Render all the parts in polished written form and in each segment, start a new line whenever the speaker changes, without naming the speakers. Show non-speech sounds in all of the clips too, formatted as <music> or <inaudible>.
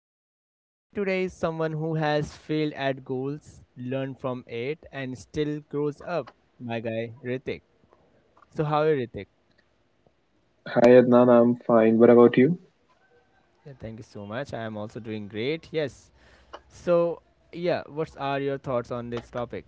Joining me today is someone who has failed at goals, learned from it, and still grows up. My guy, Ritik. So, how are you, Ritik?
Hi Adnan, I'm fine. What about you?
Yeah, thank you so much. I am also doing great. Yes. So, yeah, what are your thoughts on this topic?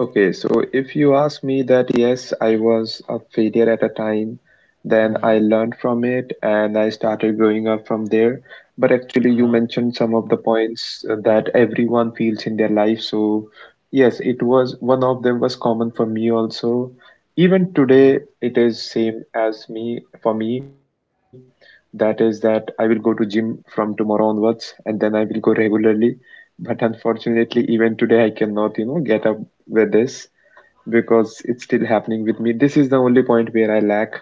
Okay, so if you ask me that yes, I was a failure at a time, then
Mm-hmm.
I learned from it and I started growing up from there. But actually,
Uh
you
huh.
mentioned some of the points that everyone feels in their life. So, yes, it was one of them was common for me also. Even today, it is same as me for me. That is that I will go to gym from tomorrow onwards and then I will go regularly. But unfortunately, even today, I cannot, you know, get up with this because it's still happening with me. This is the only point where I lack.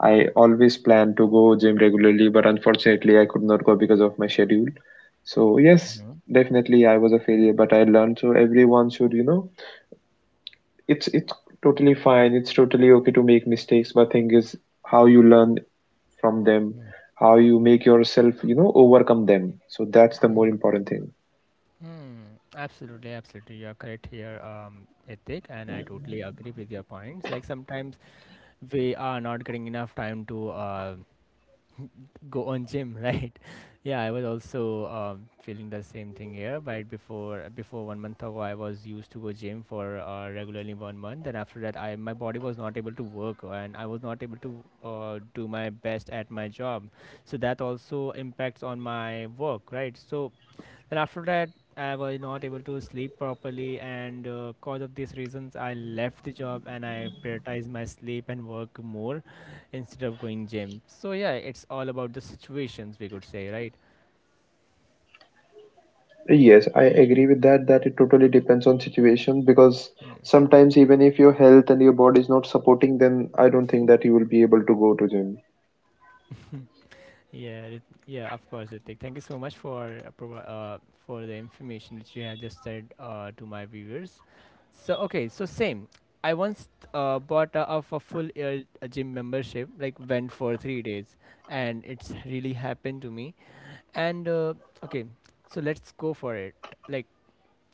I always plan to go gym regularly, but unfortunately, I could not go because of my schedule. So yes, definitely I was a failure, but I learned. So everyone should, you know, it's totally fine. It's totally okay to make mistakes, but thing is how you learn from them, how you make yourself, you know, overcome them. So that's the more
Mhm.
important thing.
Hmm. Absolutely, absolutely. You're correct here, Ithik, and I totally agree with your points. Like sometimes we are not getting enough time to go on gym, right? <laughs> Yeah, I was also feeling the same thing here, but before 1 month ago I was used to go gym for regularly 1 month, and after that I my body was not able to work, and I was not able to do my best at my job. So that also impacts on my work, right? So then after that, I was not able to sleep properly, and because of these reasons, I left the job and I prioritized my sleep and work more instead of going gym. So yeah, it's all about the situations we could say, right?
Yes, I agree with that, that it totally depends on situation because
Mm.
sometimes even if your health and your body is not supporting, then I don't think that you will be able to go to gym.
Yeah, yeah, of course, Ritik. Thank you so much for for the information which you have just said to my viewers. So okay, so same. I once bought a, of a full year a gym membership, like went for 3 days, and it's really happened to me. And Okay, so let's go for it. Like,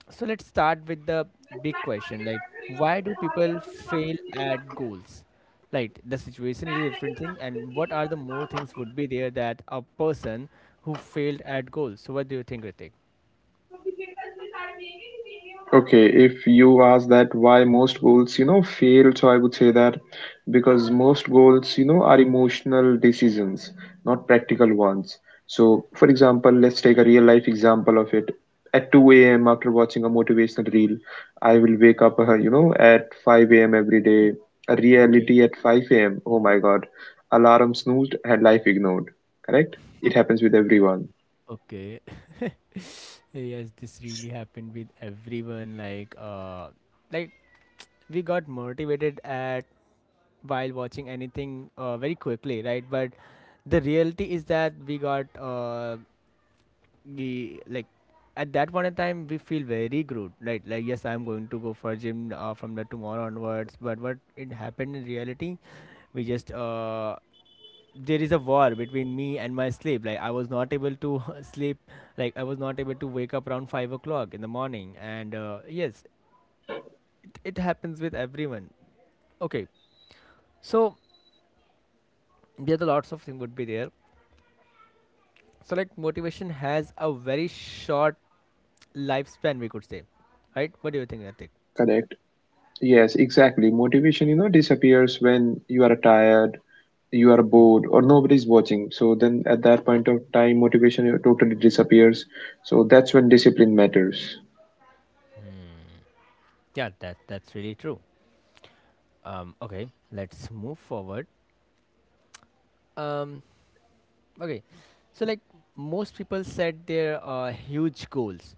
so let's start with the big question. Like, why do people fail at goals? Like, the situation is a different thing, and what are the more things would be there that a person who failed at goals? So, what do you think, Ritik?
Okay, if you ask that why most goals, you know, fail, so I would say that because
Mhm.
most goals, you know, are emotional decisions, not practical ones. So, for example, let's take a real life example of it. At 2 a.m., after watching a motivational reel, I will wake up, you know, at 5 a.m. every day. A
Okay.
reality at 5 a.m. Oh my God. Alarm snoozed, had life ignored. Correct? It happens with everyone.
Okay. <laughs> Yes, this really happened with everyone. Like, like, we got motivated at while watching anything very quickly, right? But the reality is that we got we like at that point in time we feel very good, right? Like yes, I'm going to go for gym from the tomorrow onwards. But what it happened in reality, we just there is a war between me and my sleep. Like I was not able to <laughs> sleep. Like I was not able to wake up around 5 o'clock in the morning. And yes, it happens with everyone. Okay, so yeah, the lots of things would be there. So like motivation has a very short lifespan, we could say, right? What do you think, Ritik?
Correct. Yes, exactly. Motivation, you know, disappears when you are tired, you are
Mm.
bored, or nobody's watching. So then at that point of time, motivation totally disappears. So that's when discipline matters.
Yeah, that's really true. Okay, let's move forward. Um, okay, so like most people set their huge goals.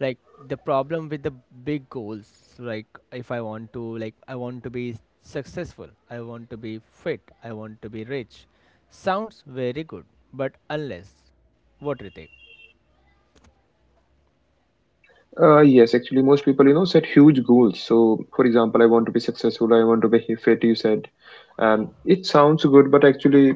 Like the problem with the big goals, like if I want to, like I want to be successful, I want to be fit, I want to be rich. Sounds very good, but unless, what Ritik?
Yes, actually, most people, you know, set huge goals. So, for example, I want to be successful, I want to be fit, you said. And it sounds good, but actually,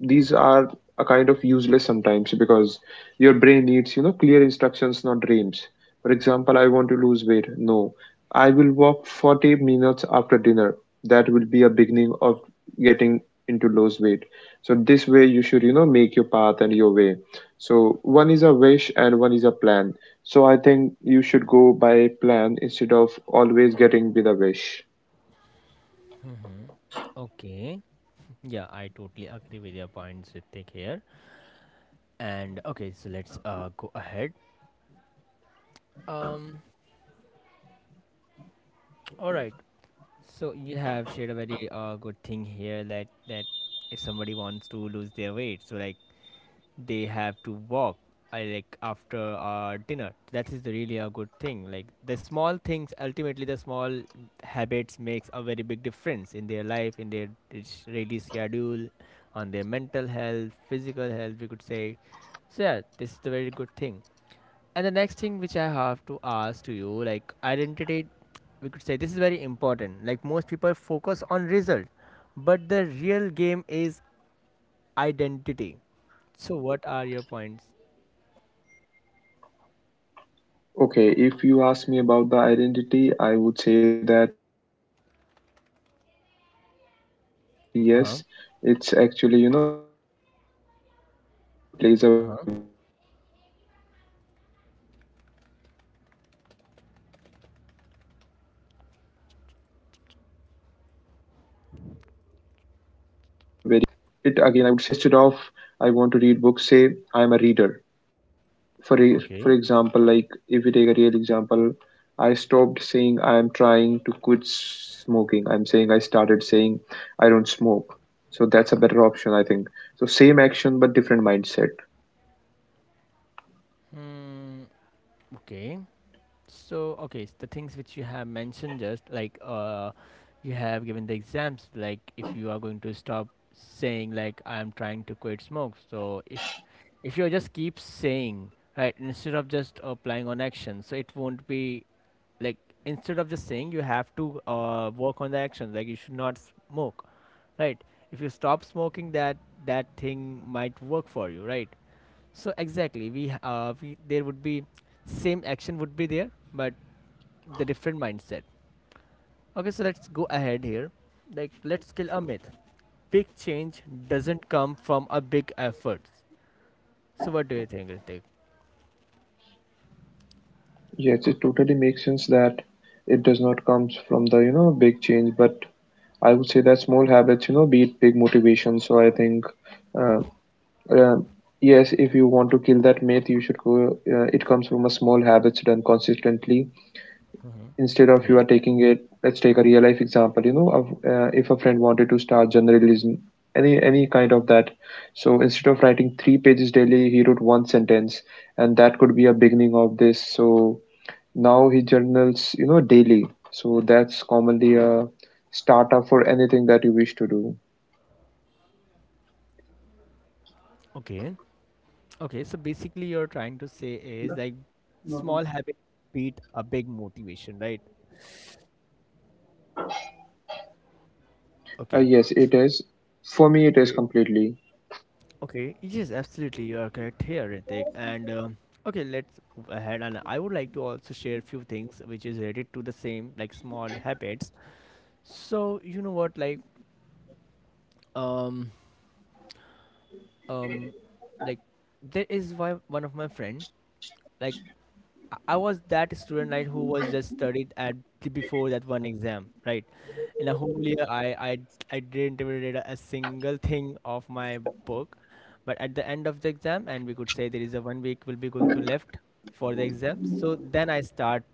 these are a kind of useless sometimes because your brain needs, you know, clear instructions, not dreams. For example, I want to lose weight. No, I will walk 40 minutes after dinner. That will be a beginning of getting into lose weight. So, this way, you should, you know, make your path and your way. So, one is a wish and one is a plan, so I think you should go by plan instead of always getting with a wish.
Okay. Yeah, I totally agree with your points, Ritik here. And okay, so let's go ahead. Um, all right. So you have shared a very good thing here that if somebody wants to lose their weight, so like they have to walk. I like after dinner. That is really a good thing. Like the small things, ultimately the small habits makes a very big difference in their life, in their its daily schedule, on their mental health, physical health. We could say so yeah, this is the very good thing. And the next thing which I have to ask to you, like identity, we could say this is very important. Like most people focus on result, but the real game is identity. So what are your points?
Okay, if you ask me about the identity, I would say that yes, it's actually, you know, plays a very vital role, plays
Uh
a very
huh.
important role, but actually it again I
Uh
would
huh.
say depends on individual how he want himself to be presented somewhere, and that's why he, you know, just perform the actions as per that. So 100% instead of I want to read books, say I am a reader. for e-
Okay.
for example like if we take a real example, I stopped saying I am trying to quit smoking. I started saying I don't smoke. So that's a better option, I think. So same action but different mindset.
Hmm. Okay. So okay, s the things which you have mentioned just like you have given the exams like if you are going to stop saying like I am trying to quit smoke. So if you just keep saying right instead of just applying on action, so it won't be like instead of just saying you have to work on the action like you should not smoke, right? If you stop smoking, that that thing might work for you, right? So exactly we there would be same action would be there, but the different mindset. Okay, so let's go ahead here. Like, let's kill a myth. Big change doesn't come from a big effort. So, what do you think, Ritik?
Yes, it totally makes sense that it does not comes from the, you know, big change, but I would say that small habits, you know, beat big motivation. So I think, uh, uh, yes, if you want to kill that myth, you should go. It comes from a small habits done consistently. Instead of you
Yes.
are taking it, let's take a real life example. You know, of, if a friend wanted to start journalism, any kind of that. So instead of writing three pages daily, he wrote one sentence, and that could be a beginning of this. So now he journals, you know, daily. So that's commonly a starter for anything that you wish to do.
Okay. Okay, so basically, you're trying to say is like small habit beat a big motivation, right? Okay.
Yes, it is. For me, it is
Okay.
completely.
Okay. Yes, absolutely. You are correct here, Ritik. And okay, let's move ahead. And I would like to also share a few things which is related to the same, like small habits. So, you know what, um, um like there is why one of my friend, like I was that student, right, who was just studied at before that one exam, right? In a whole year, I I didn't even read a single thing of my book, but at the end of the exam, and we could say there is a 1 week will be going to left for the exam. So then I start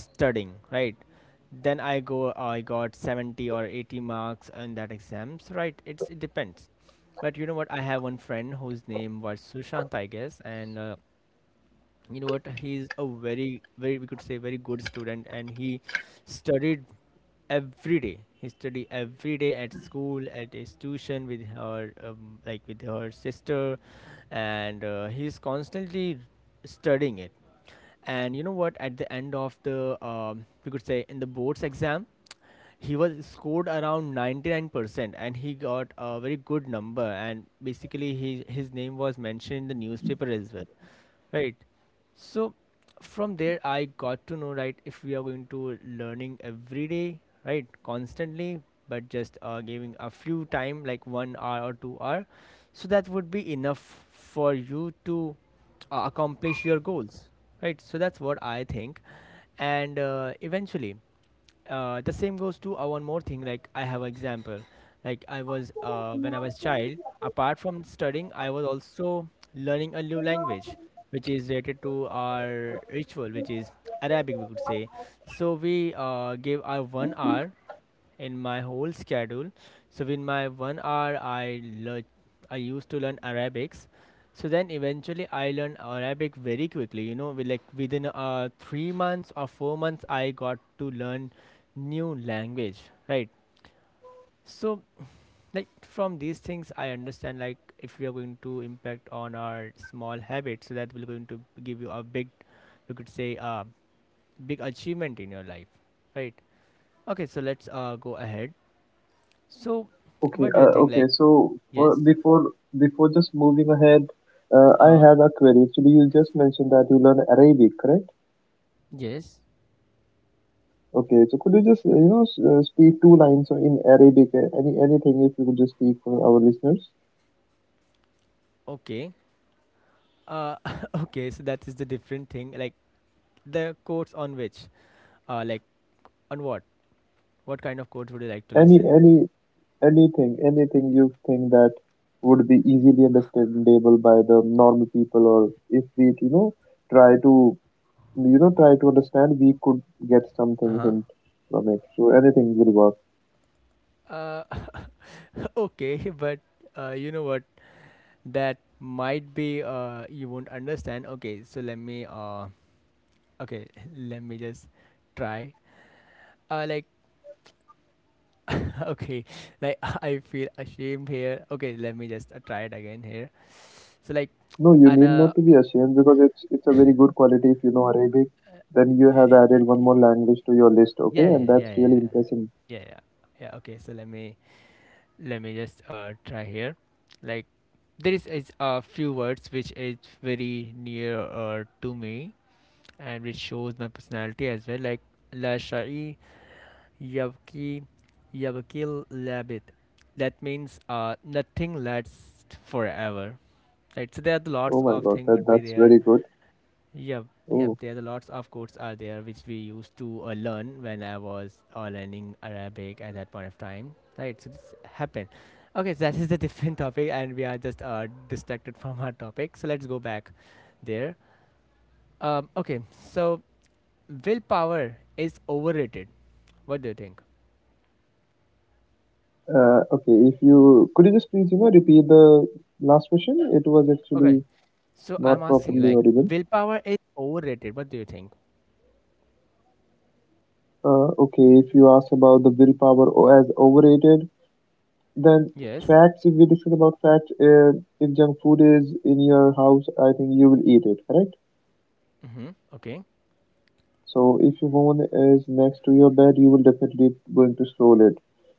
studying, right? Then I go, I got 70 or 80 marks in that exam. So right, it's it depends. But you know what? I have one friend whose name was Sushant, I guess, and you know what, he's a very we could say very good student, and he studied every day. He studied every day at school, at his tuition, with her like with her sister, and he's constantly studying it. And you know what, at the end of the we could say in the boards exam, he was scored around 99% and he got a very good number, and basically he, his name was mentioned in the newspaper as well. Right. So from there, I got to know, right, if we are going to learning every day, right, constantly, but just giving a few time, like 1 hour or 2 hour, so that would be enough for you to accomplish your goals, right? So that's what I think, and eventually the same goes to one more thing. Like I have example, like I was when I was child apart from studying I was also learning a new language which is related to our ritual, which is Arabic we could say. So we gave our 1 hour in my whole schedule. So in my 1 hour, I learn, I used to learn Arabics. So then eventually I learned Arabic very quickly. You know, with like within 3 months or 4 months, I got to learn new language, right? So like from these things, I understand like if we are going to impact on our small habits, so that will going to give you a big, you could say, a big achievement in your life, right? Okay, so let's go ahead. So,
Okay,
what do you
uh,
think?
okay.
Like,
So
yes,
before just moving ahead, I
uh,
have a query. Actually, you just mentioned that you learn Arabic, correct?
yes,
Okay. So could you just you know speak two lines in Arabic? Any anything if you could just speak for our listeners?
okay, uh, <laughs> okay. So that is the different thing. Like the quotes on which, like on what? What kind of quotes would you like to
Any
listen?
any Anything, anything you think that would be easily understandable by the normal people, or if we, you know, try to, you know, try to understand, we could get something
Uh
hint from it. So anything will work.
huh. <laughs> Okay, but you know what? That might be you won't understand. Okay, so let me okay, <laughs> let me just try. Like <laughs> okay, like <laughs> I feel ashamed here. Okay, let me just try it again here. So like.
No, you need
Anna.
not to be ashamed because it's a very good quality. If you know Arabic, then you
Eh,
have
eh, eh,
added one
eh,
more language to your list. Okay,
yeah,
and
yeah, yeah,
that's
yeah,
really
yeah,
impressive.
yeah, yeah. Yeah, okay, so let me just try here. Like there is a few words which is very near to me and which shows my personality as well. Like la shai yabki yabkil labit. That means nothing lasts forever. Right. So there are
Oh
lots
my
of
God,
things
that
would be
that's
there.
very good.
Yep, yep.
Oh,
There's a lots of codes are there which we used to learn when I was learning Arabic at that point of time. Right, so this happened. Okay, so that is the <laughs> different topic, and we are just distracted from our topic. So let's go back there. Okay, so willpower is overrated. What do you think?
okay. If you could you just please, you know, repeat the last question? It was actually.
Okay, so
Not
I'm asking
properly
like
audible.
willpower is overrated. What do you think?
Okay, if you ask about the willpower as overrated, then
Yes.
facts, if we discuss about facts, if junk food is in your house, I think you will eat it, correct?
Mm-hmm. Okay.
So if your phone is next to your bed, you will definitely going to scroll it.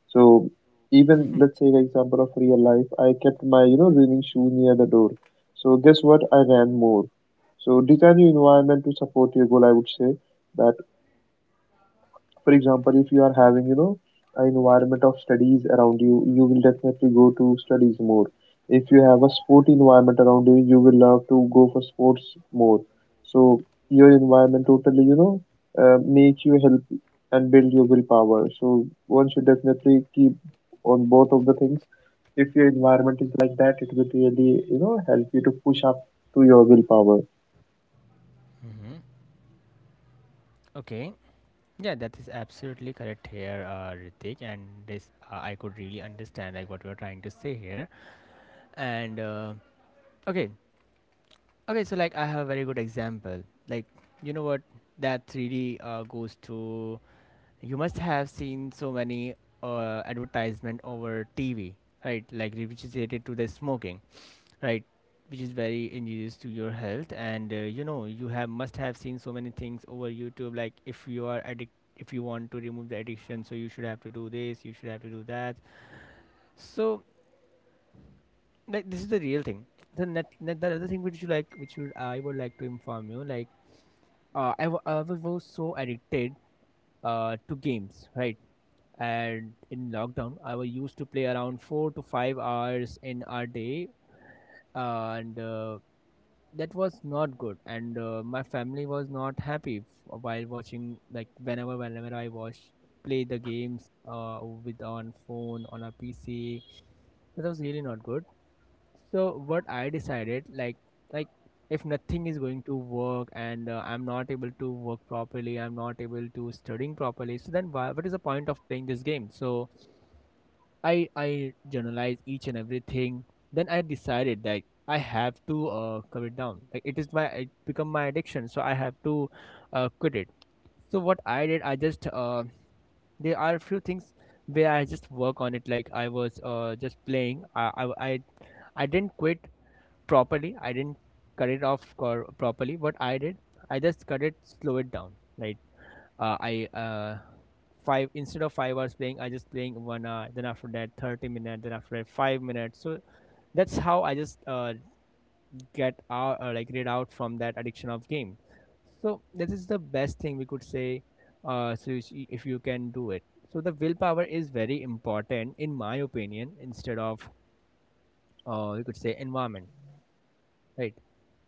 So even let's say the example of real life, I kept my, you know, running shoe near the door. So guess what? I ran more. So design your environment to support your goal, I would say that. For example, if you are having, you know, an environment of studies around you, you will definitely go to studies more. If you have a sport environment around you, you will love to go for sports more. So your environment totally, you know, make you help and build your willpower. So one should definitely keep on both of the things. If your environment is like that, it will really, you know, help you to push up to your willpower.
Mm-hmm. Okay. Yeah, that is absolutely correct here, Ritik, and this, I could really understand like what we are trying to say here. And uh, okay, okay, so like I have a very good example. Like you know what, that 3D goes to, you must have seen so many advertisement over TV, right? Like which is related to the smoking, right, which is very injurious to your health, and you know, you have must have seen so many things over youtube, like if you are addict, if you want to remove the addiction, so you should have to do this, you should have to do that. So like this is the real thing. The net, net, the other thing which you like, which would I would like to inform you, like I was so addicted to games, right? And in lockdown I was used to play around 4 to 5 hours in a day, and that was not good, and my family was not happy while watching, like whenever I watch, play the games with, on phone, on a PC. That was really not good. So what I decided, like if nothing is going to work and I'm not able to work properly, I'm not able to studying properly, so then why, what is the point of playing this game? So I journalize each and everything. Then I decided that I have to cut it down. Like it is my, it become my addiction, so I have to quit it. So what I did, I just there are a few things where I just work on it. Like I was just playing. I I didn't quit properly. I didn't cut it off cor- properly. What I did, I just cut it, slow it down. Like I five, instead of 5 hours playing, I just playing one hour. Then after that, 30 minutes. Then after that, 5 minutes. So that's how I just get out, like read out from that addiction of game. So this is the best thing we could say. So you see, if you can do it, so the willpower is very important in my opinion. Instead of, we could say, environment, right?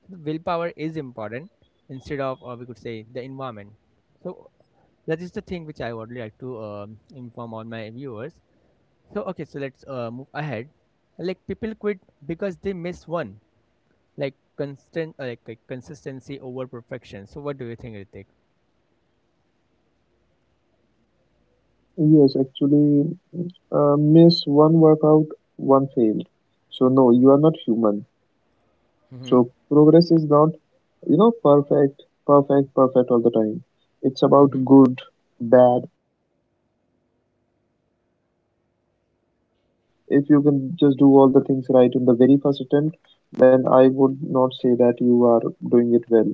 So the willpower is important instead of, we could say, the environment. So that is the thing which I would like to inform all my viewers. So okay, so let's move ahead. Like, people quit because they miss one, like constant, like consistency over perfection. So what do you think, Ritik?
Yes, actually, miss one workout, one fail. So no, you are not human.
Mm-hmm.
So progress is not, you know, perfect all the time. It's about
Mm-hmm.
good, bad, okay, amazing. Bad again, it totally happens because if you can just do all the things right in the very first attempt, then I would not say that you are doing it well.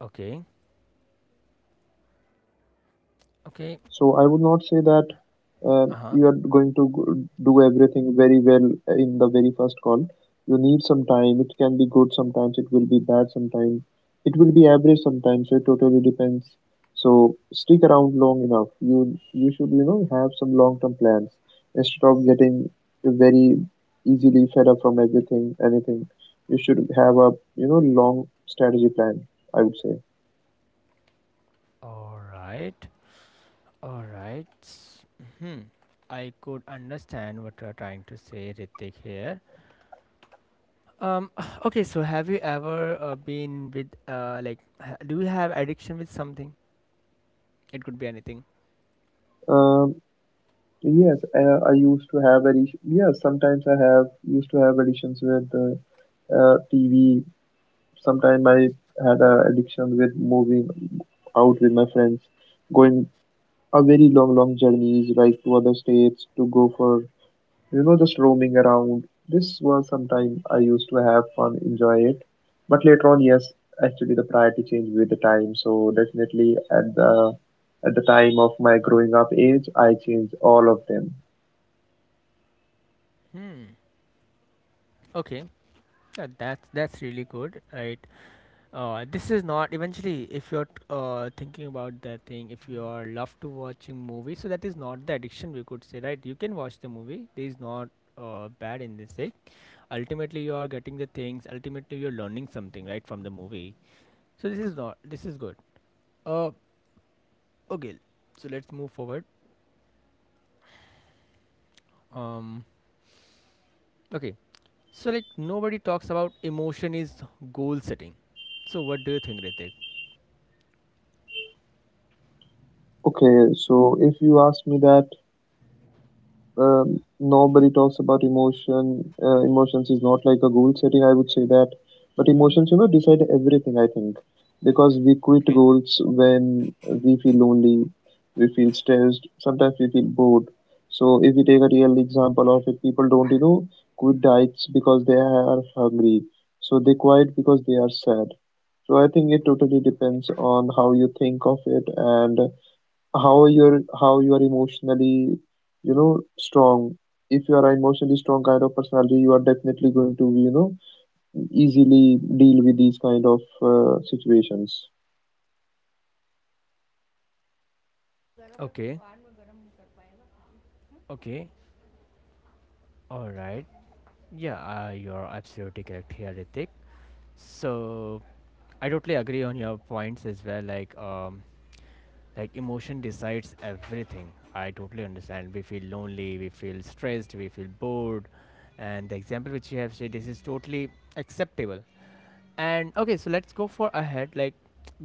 Okay. Okay.
So I would not say that
Uh-huh.
you are going to do everything very well in the very first call. You need some time. It can be good sometimes. It will be bad sometimes. It will be average sometimes. So it totally depends. So stick around long enough. You should, you know, have some long term plans instead of getting very easily fed up from everything anything. You should have a, you know, long strategy plan, I would say.
All right. All right. Hmm. I could understand what you're trying to say, Ritik, here. Um, <sighs> okay, so have you ever been with, do you have addiction with something? It could be anything.
Um, Yes, I used to have edition. Yes, sometimes I have used to have addictions with TV. Sometimes I had a addiction with moving out with my friends, going a very long, long journeys like to other states to go for, you know, just roaming around. This was sometime I used to have fun, enjoy it. But later on, yes, actually the priority changed with the time. So definitely at the time of my growing up age, I changed all of them.
Hmm. Okay. Yeah, that's really good, right? This is not eventually. If you're thinking about that thing, if you are love to watching movie, so that is not the addiction, we could say, right? You can watch the movie. There is not bad in this thing. Ultimately, you are getting the things. Ultimately, you're learning something, right, from the movie. So this is not, this is good. Uh, okay. So let's move forward. Um, okay. So like, nobody talks about emotion is goal setting. So what do you think, Ritik?
Okay, so if you ask me that, nobody talks about emotion. Emotions is not like a goal setting, I would say that. But emotions, you know, decide everything, I think. Because we quit
Okay.
goals when we feel lonely, we feel stressed, sometimes we feel bored. So if we take a real example of it, people don't, you know, quit diets because they are hungry. So they quit because they are sad. So I think it totally depends on how you think of it, and how you are emotionally, you know, strong. If you are emotionally strong kind of personality, you are definitely going to, you know, easily deal with these kind of situations.
Okay. Okay, alright. Yeah, you're absolutely correct here, Ritik. So, I totally agree on your points as well. Like emotion decides everything. I totally understand. We feel lonely, we feel stressed, we feel bored, and the example which you have said, this is totally acceptable. And okay, so let's go for ahead. Like,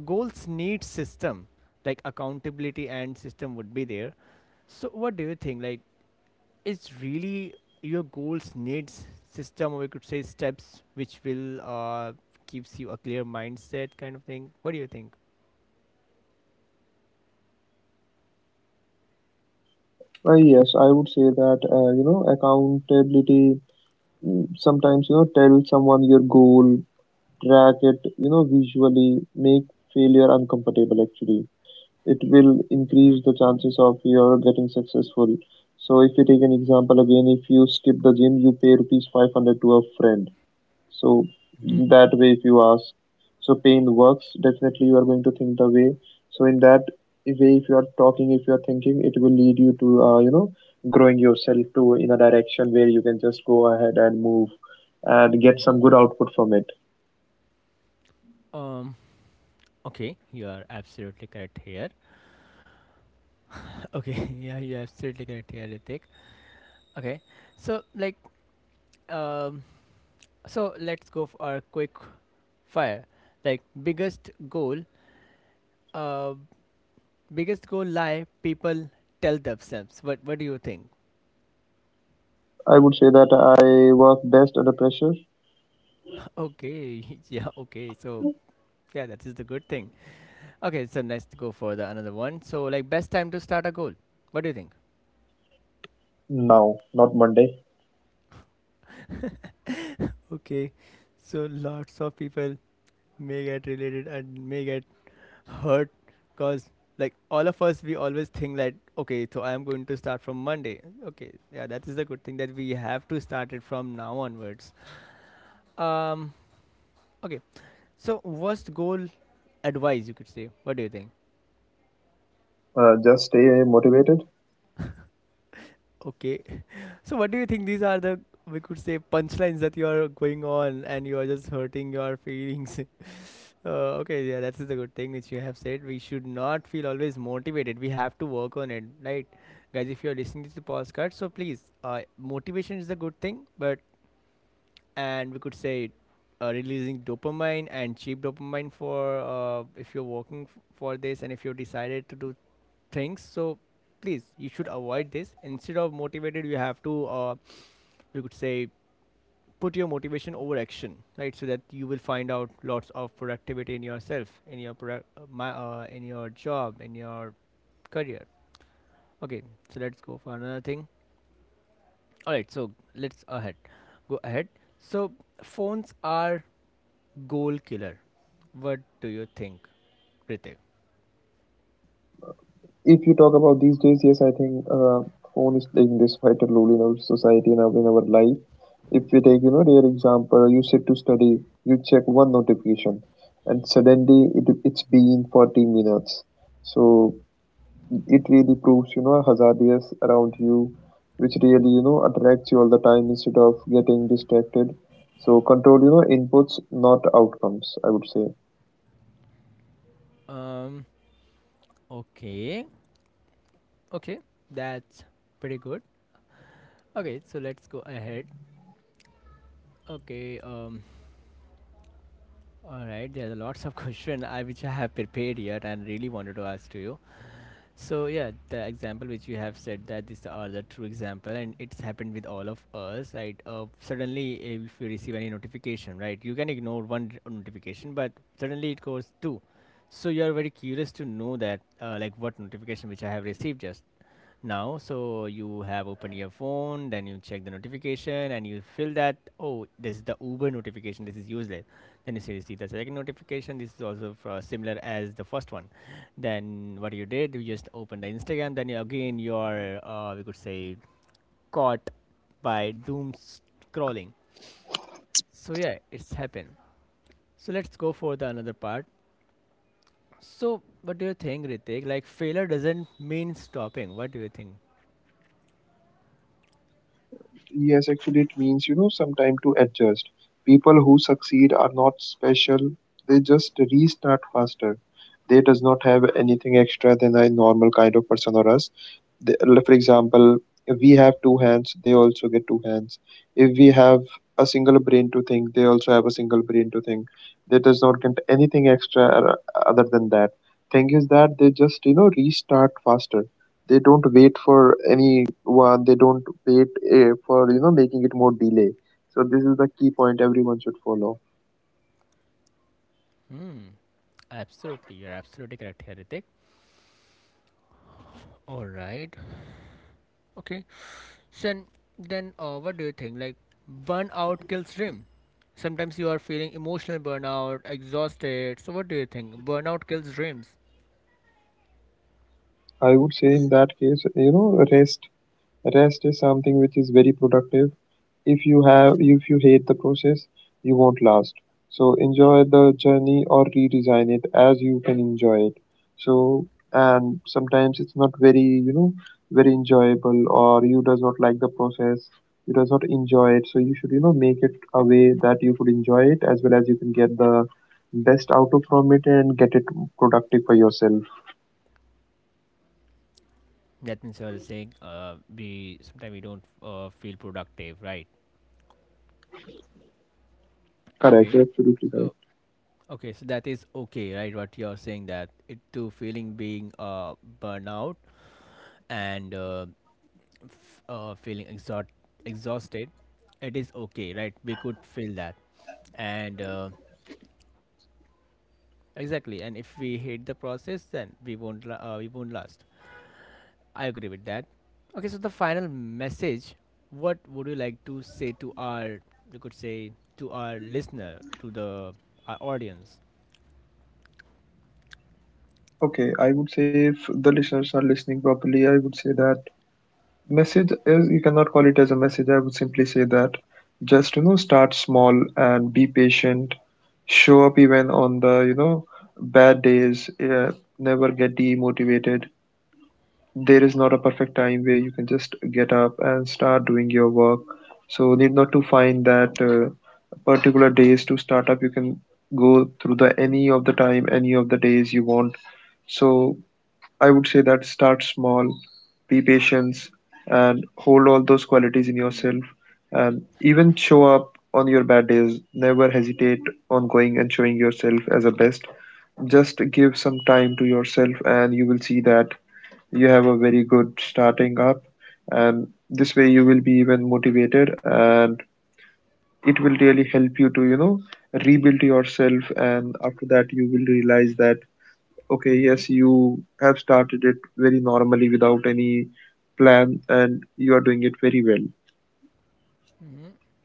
goals need system, like accountability and system would be there. So, what do you think? Like, it's really, your goals needs system, or we could say steps which will gives you a clear mindset kind of thing. What do you think?
Yes, I would say that, you know, accountability, mm, sometimes, you know, tell someone your goal, track it, you know, visually, make failure uncomfortable. Actually, it will increase the chances of your getting successful. So if you take an example again, if you skip the gym, you pay rupees 500 to a friend. So
Mm-hmm.
that way, if you ask, so pain works, definitely you are going to think the way. So in that way, if you are talking, if you are thinking, it will lead you to, you know, growing yourself to in a direction where you can just go ahead and move and get
Mm-hmm.
some good output from it.
Um. Okay, you are absolutely correct here. <laughs> okay, yeah, you're absolutely correct here, Ritik. Okay, so like, um, so let's go for a quick fire. Like, biggest goal, uh, biggest goal lie people tell themselves. What do you think? <laughs>
I would say that I work best under pressure.
Okay, <laughs> yeah, okay. So yeah, that is the good thing. Okay, so let's go for the another one. So like, best time to start a goal. What do you think?
Now, not Monday.
<laughs> Okay, so lots of people may get related and may get hurt because, like, all of us, we always think that, okay, so I'm going to start from Monday. Okay, yeah, that is the good thing, that we have to start it from now onwards. Um, okay. So, worst goal advice, you could say. What do you think?
Just stay motivated.
Okay, so what do you think, these are the, we could say, punchlines, that you are going on and you are just hurting your feelings? <laughs> uh, okay, yeah, that's the good thing which you have said. We should not feel always motivated. We have to work on it, right, guys? If you are listening to the podcast, so please, motivation is a good thing, but, and we could say, releasing dopamine and cheap dopamine for, if you're working for this, and if you decided to do things, so please, you should avoid this. Instead of motivated, you have to, we could say, put your motivation over action, right? So that you will find out lots of productivity in yourself, in your in your job, in your career. Okay, so let's go for another thing. All right, so let's ahead go ahead. So, phones are goal killer. What do you think, Pritev?
If you talk about these days, yes, I think phone is playing this vital role in our society and in our life. If we take, you know, their example, you sit to study, you check one notification, and suddenly it's been 40 minutes. So it really proves, you know, hazardous around you, which really, you know, attracts you all the time instead of getting distracted. So control, you know, inputs, not outcomes, I would say.
Um, okay. Okay, that's pretty good. Okay, so let's go ahead. Okay, um, all right, there are lots of <laughs> questions I which I have prepared here and really wanted to ask to you. So yeah, the example which you have said, that these are the true example, and it's happened with all of us, right? Suddenly, if you receive any notification, right, you can ignore one notification, but suddenly it goes two. So you are very curious to know that, like, what notification which I have received just now. So you have opened your phone, then you check the notification, and you feel that, oh, this is the Uber notification, this is useless. Then you see the second notification, this is also for similar as the first one. Then what you did, you just opened the Instagram, then you again, you are, we could say, caught by doom scrolling. So yeah, it's happened. So let's go for the another part. So what do you think, Ritik, like failure doesn't mean stopping? What do you think?
Yes, actually, it means, you know, some time to adjust. People who succeed are not special. They just restart faster. They does not have anything extra than a normal kind of person or us. The, like, for example, if we have two hands, they also get two hands. If we have a single brain to think, they also have a single brain to think. They does not get anything extra other than that. Thing is that they just, you know, restart faster. They don't wait for anyone. They don't wait eh, For, you know, making it more delay. So this is the key point everyone should follow.
Hmm. Absolutely, you're absolutely correct here, Ritik. All right. Okay. So then, what do you think? Like, burnout kills dream. Sometimes you are feeling emotional burnout, exhausted. So what do you think? Burnout kills dreams.
I would say in that case, you know, rest. Rest is something which is very productive. If you have, if you hate the process, you won't last. So enjoy the journey or redesign it as you can enjoy it. So and sometimes it's not very, you know, very enjoyable, or you does not like the process, you does not enjoy it. So you should, you know, make it a way that you could enjoy it as well as you can get the best out of from it and get it productive for yourself.
That means you are saying, we sometimes we don't feel productive, right?
Correct,
Okay.
absolutely
So
correct.
okay, so that is okay, right? What you are saying, that it to feeling being burnout, and feeling exhausted, it is okay, right? We could feel that, and exactly. And if we hate the process, then we won't we won't last. I agree with that. Okay, so the final message. What would you like to say to our, you could say, to our listener, to the our audience?
Okay, I would say if the listeners are listening properly, I would say that message is you cannot call it as a message. I would simply say that just, you know, start small and be patient. Show up even on the, you know, bad days. Yeah, never get demotivated. There is not a perfect time where you can just get up and start doing your work. So need not to find that particular days to start up. You can go through the any of the time, any of the days you want. So I would say that start small, be patient, and hold all those qualities in yourself. And even show up on your bad days. Never hesitate on going and showing yourself as a best. Just give some time to yourself, and you will see that you have a very good starting up. And this way, you will be even motivated, and it will really help you to, you know, rebuild yourself. And after that, you will realize that okay,
Mm-hmm.
yes, you have started it very normally without any plan, and you are doing it very well.
Mm-hmm.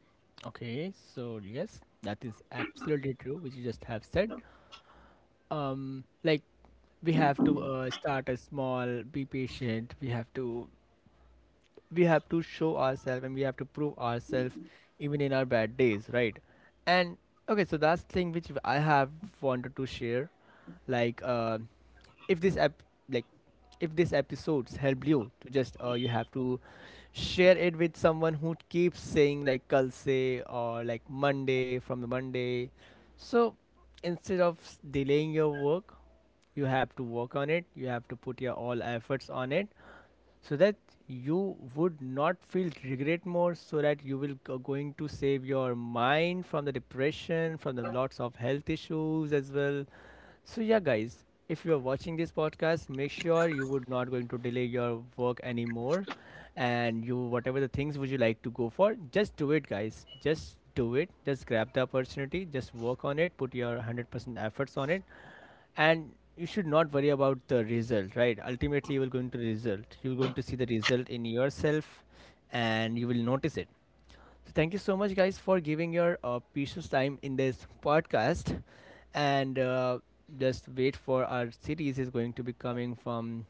Okay, so yes, that is absolutely true, which you just have said. Like, we have to start a small, be patient, we have to, we have to show ourselves and we have to prove ourselves even in our bad days, right? And okay, so that's thing which I have wanted to share, like, if this app, like if this episodes helped you, to just, you have to share it with someone who keeps saying like kal se, or like monday, from the monday. So instead of delaying your work, you have to work on it, you have to put your all efforts on it, so that you would not feel regret more, so that you will going to save your mind from the depression, from the lots of health issues as well. So yeah, guys, if you are watching this podcast, make sure you would not going to delay your work anymore. And you, whatever the things would you like to go for, just do it, guys, just do it, just grab the opportunity, just work on it, put your 100% efforts on it. And you should not worry about the result, right? Ultimately, you will going to result, you're going to see the result in yourself, and you will notice it. So thank you so much, guys, for giving your precious time in this podcast. And just wait for our series is going to be coming from,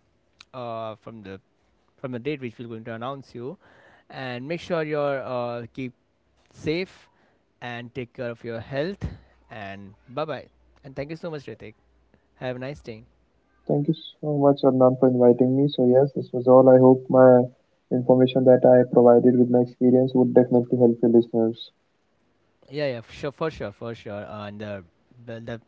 from the, from the date which we're going to announce you. And make sure you're keep safe, and take care of your health, and bye bye, and thank you so much, Ritik. Have a nice day.
Thank you so much, Adnan, for inviting me. So, yes, this was all. I hope my information that I provided with my experience would definitely help your listeners.
Yeah, yeah, sure, for sure, for sure. And the, the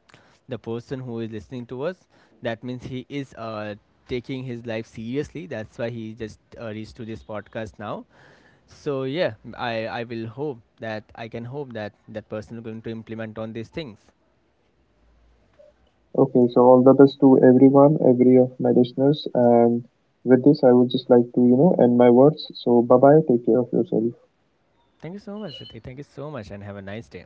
the person who is listening to us, that means he is taking his life seriously. That's why he just reached to this podcast now. So yeah, I will hope that I can hope that that person is going to implement on these things.
Okay, so all the best to everyone, every of my listeners. And with this, I would just like to, you know, end my words. So, bye bye. Take care of yourself.
Thank you so much, Ritik. Thank you so much, and have a nice day.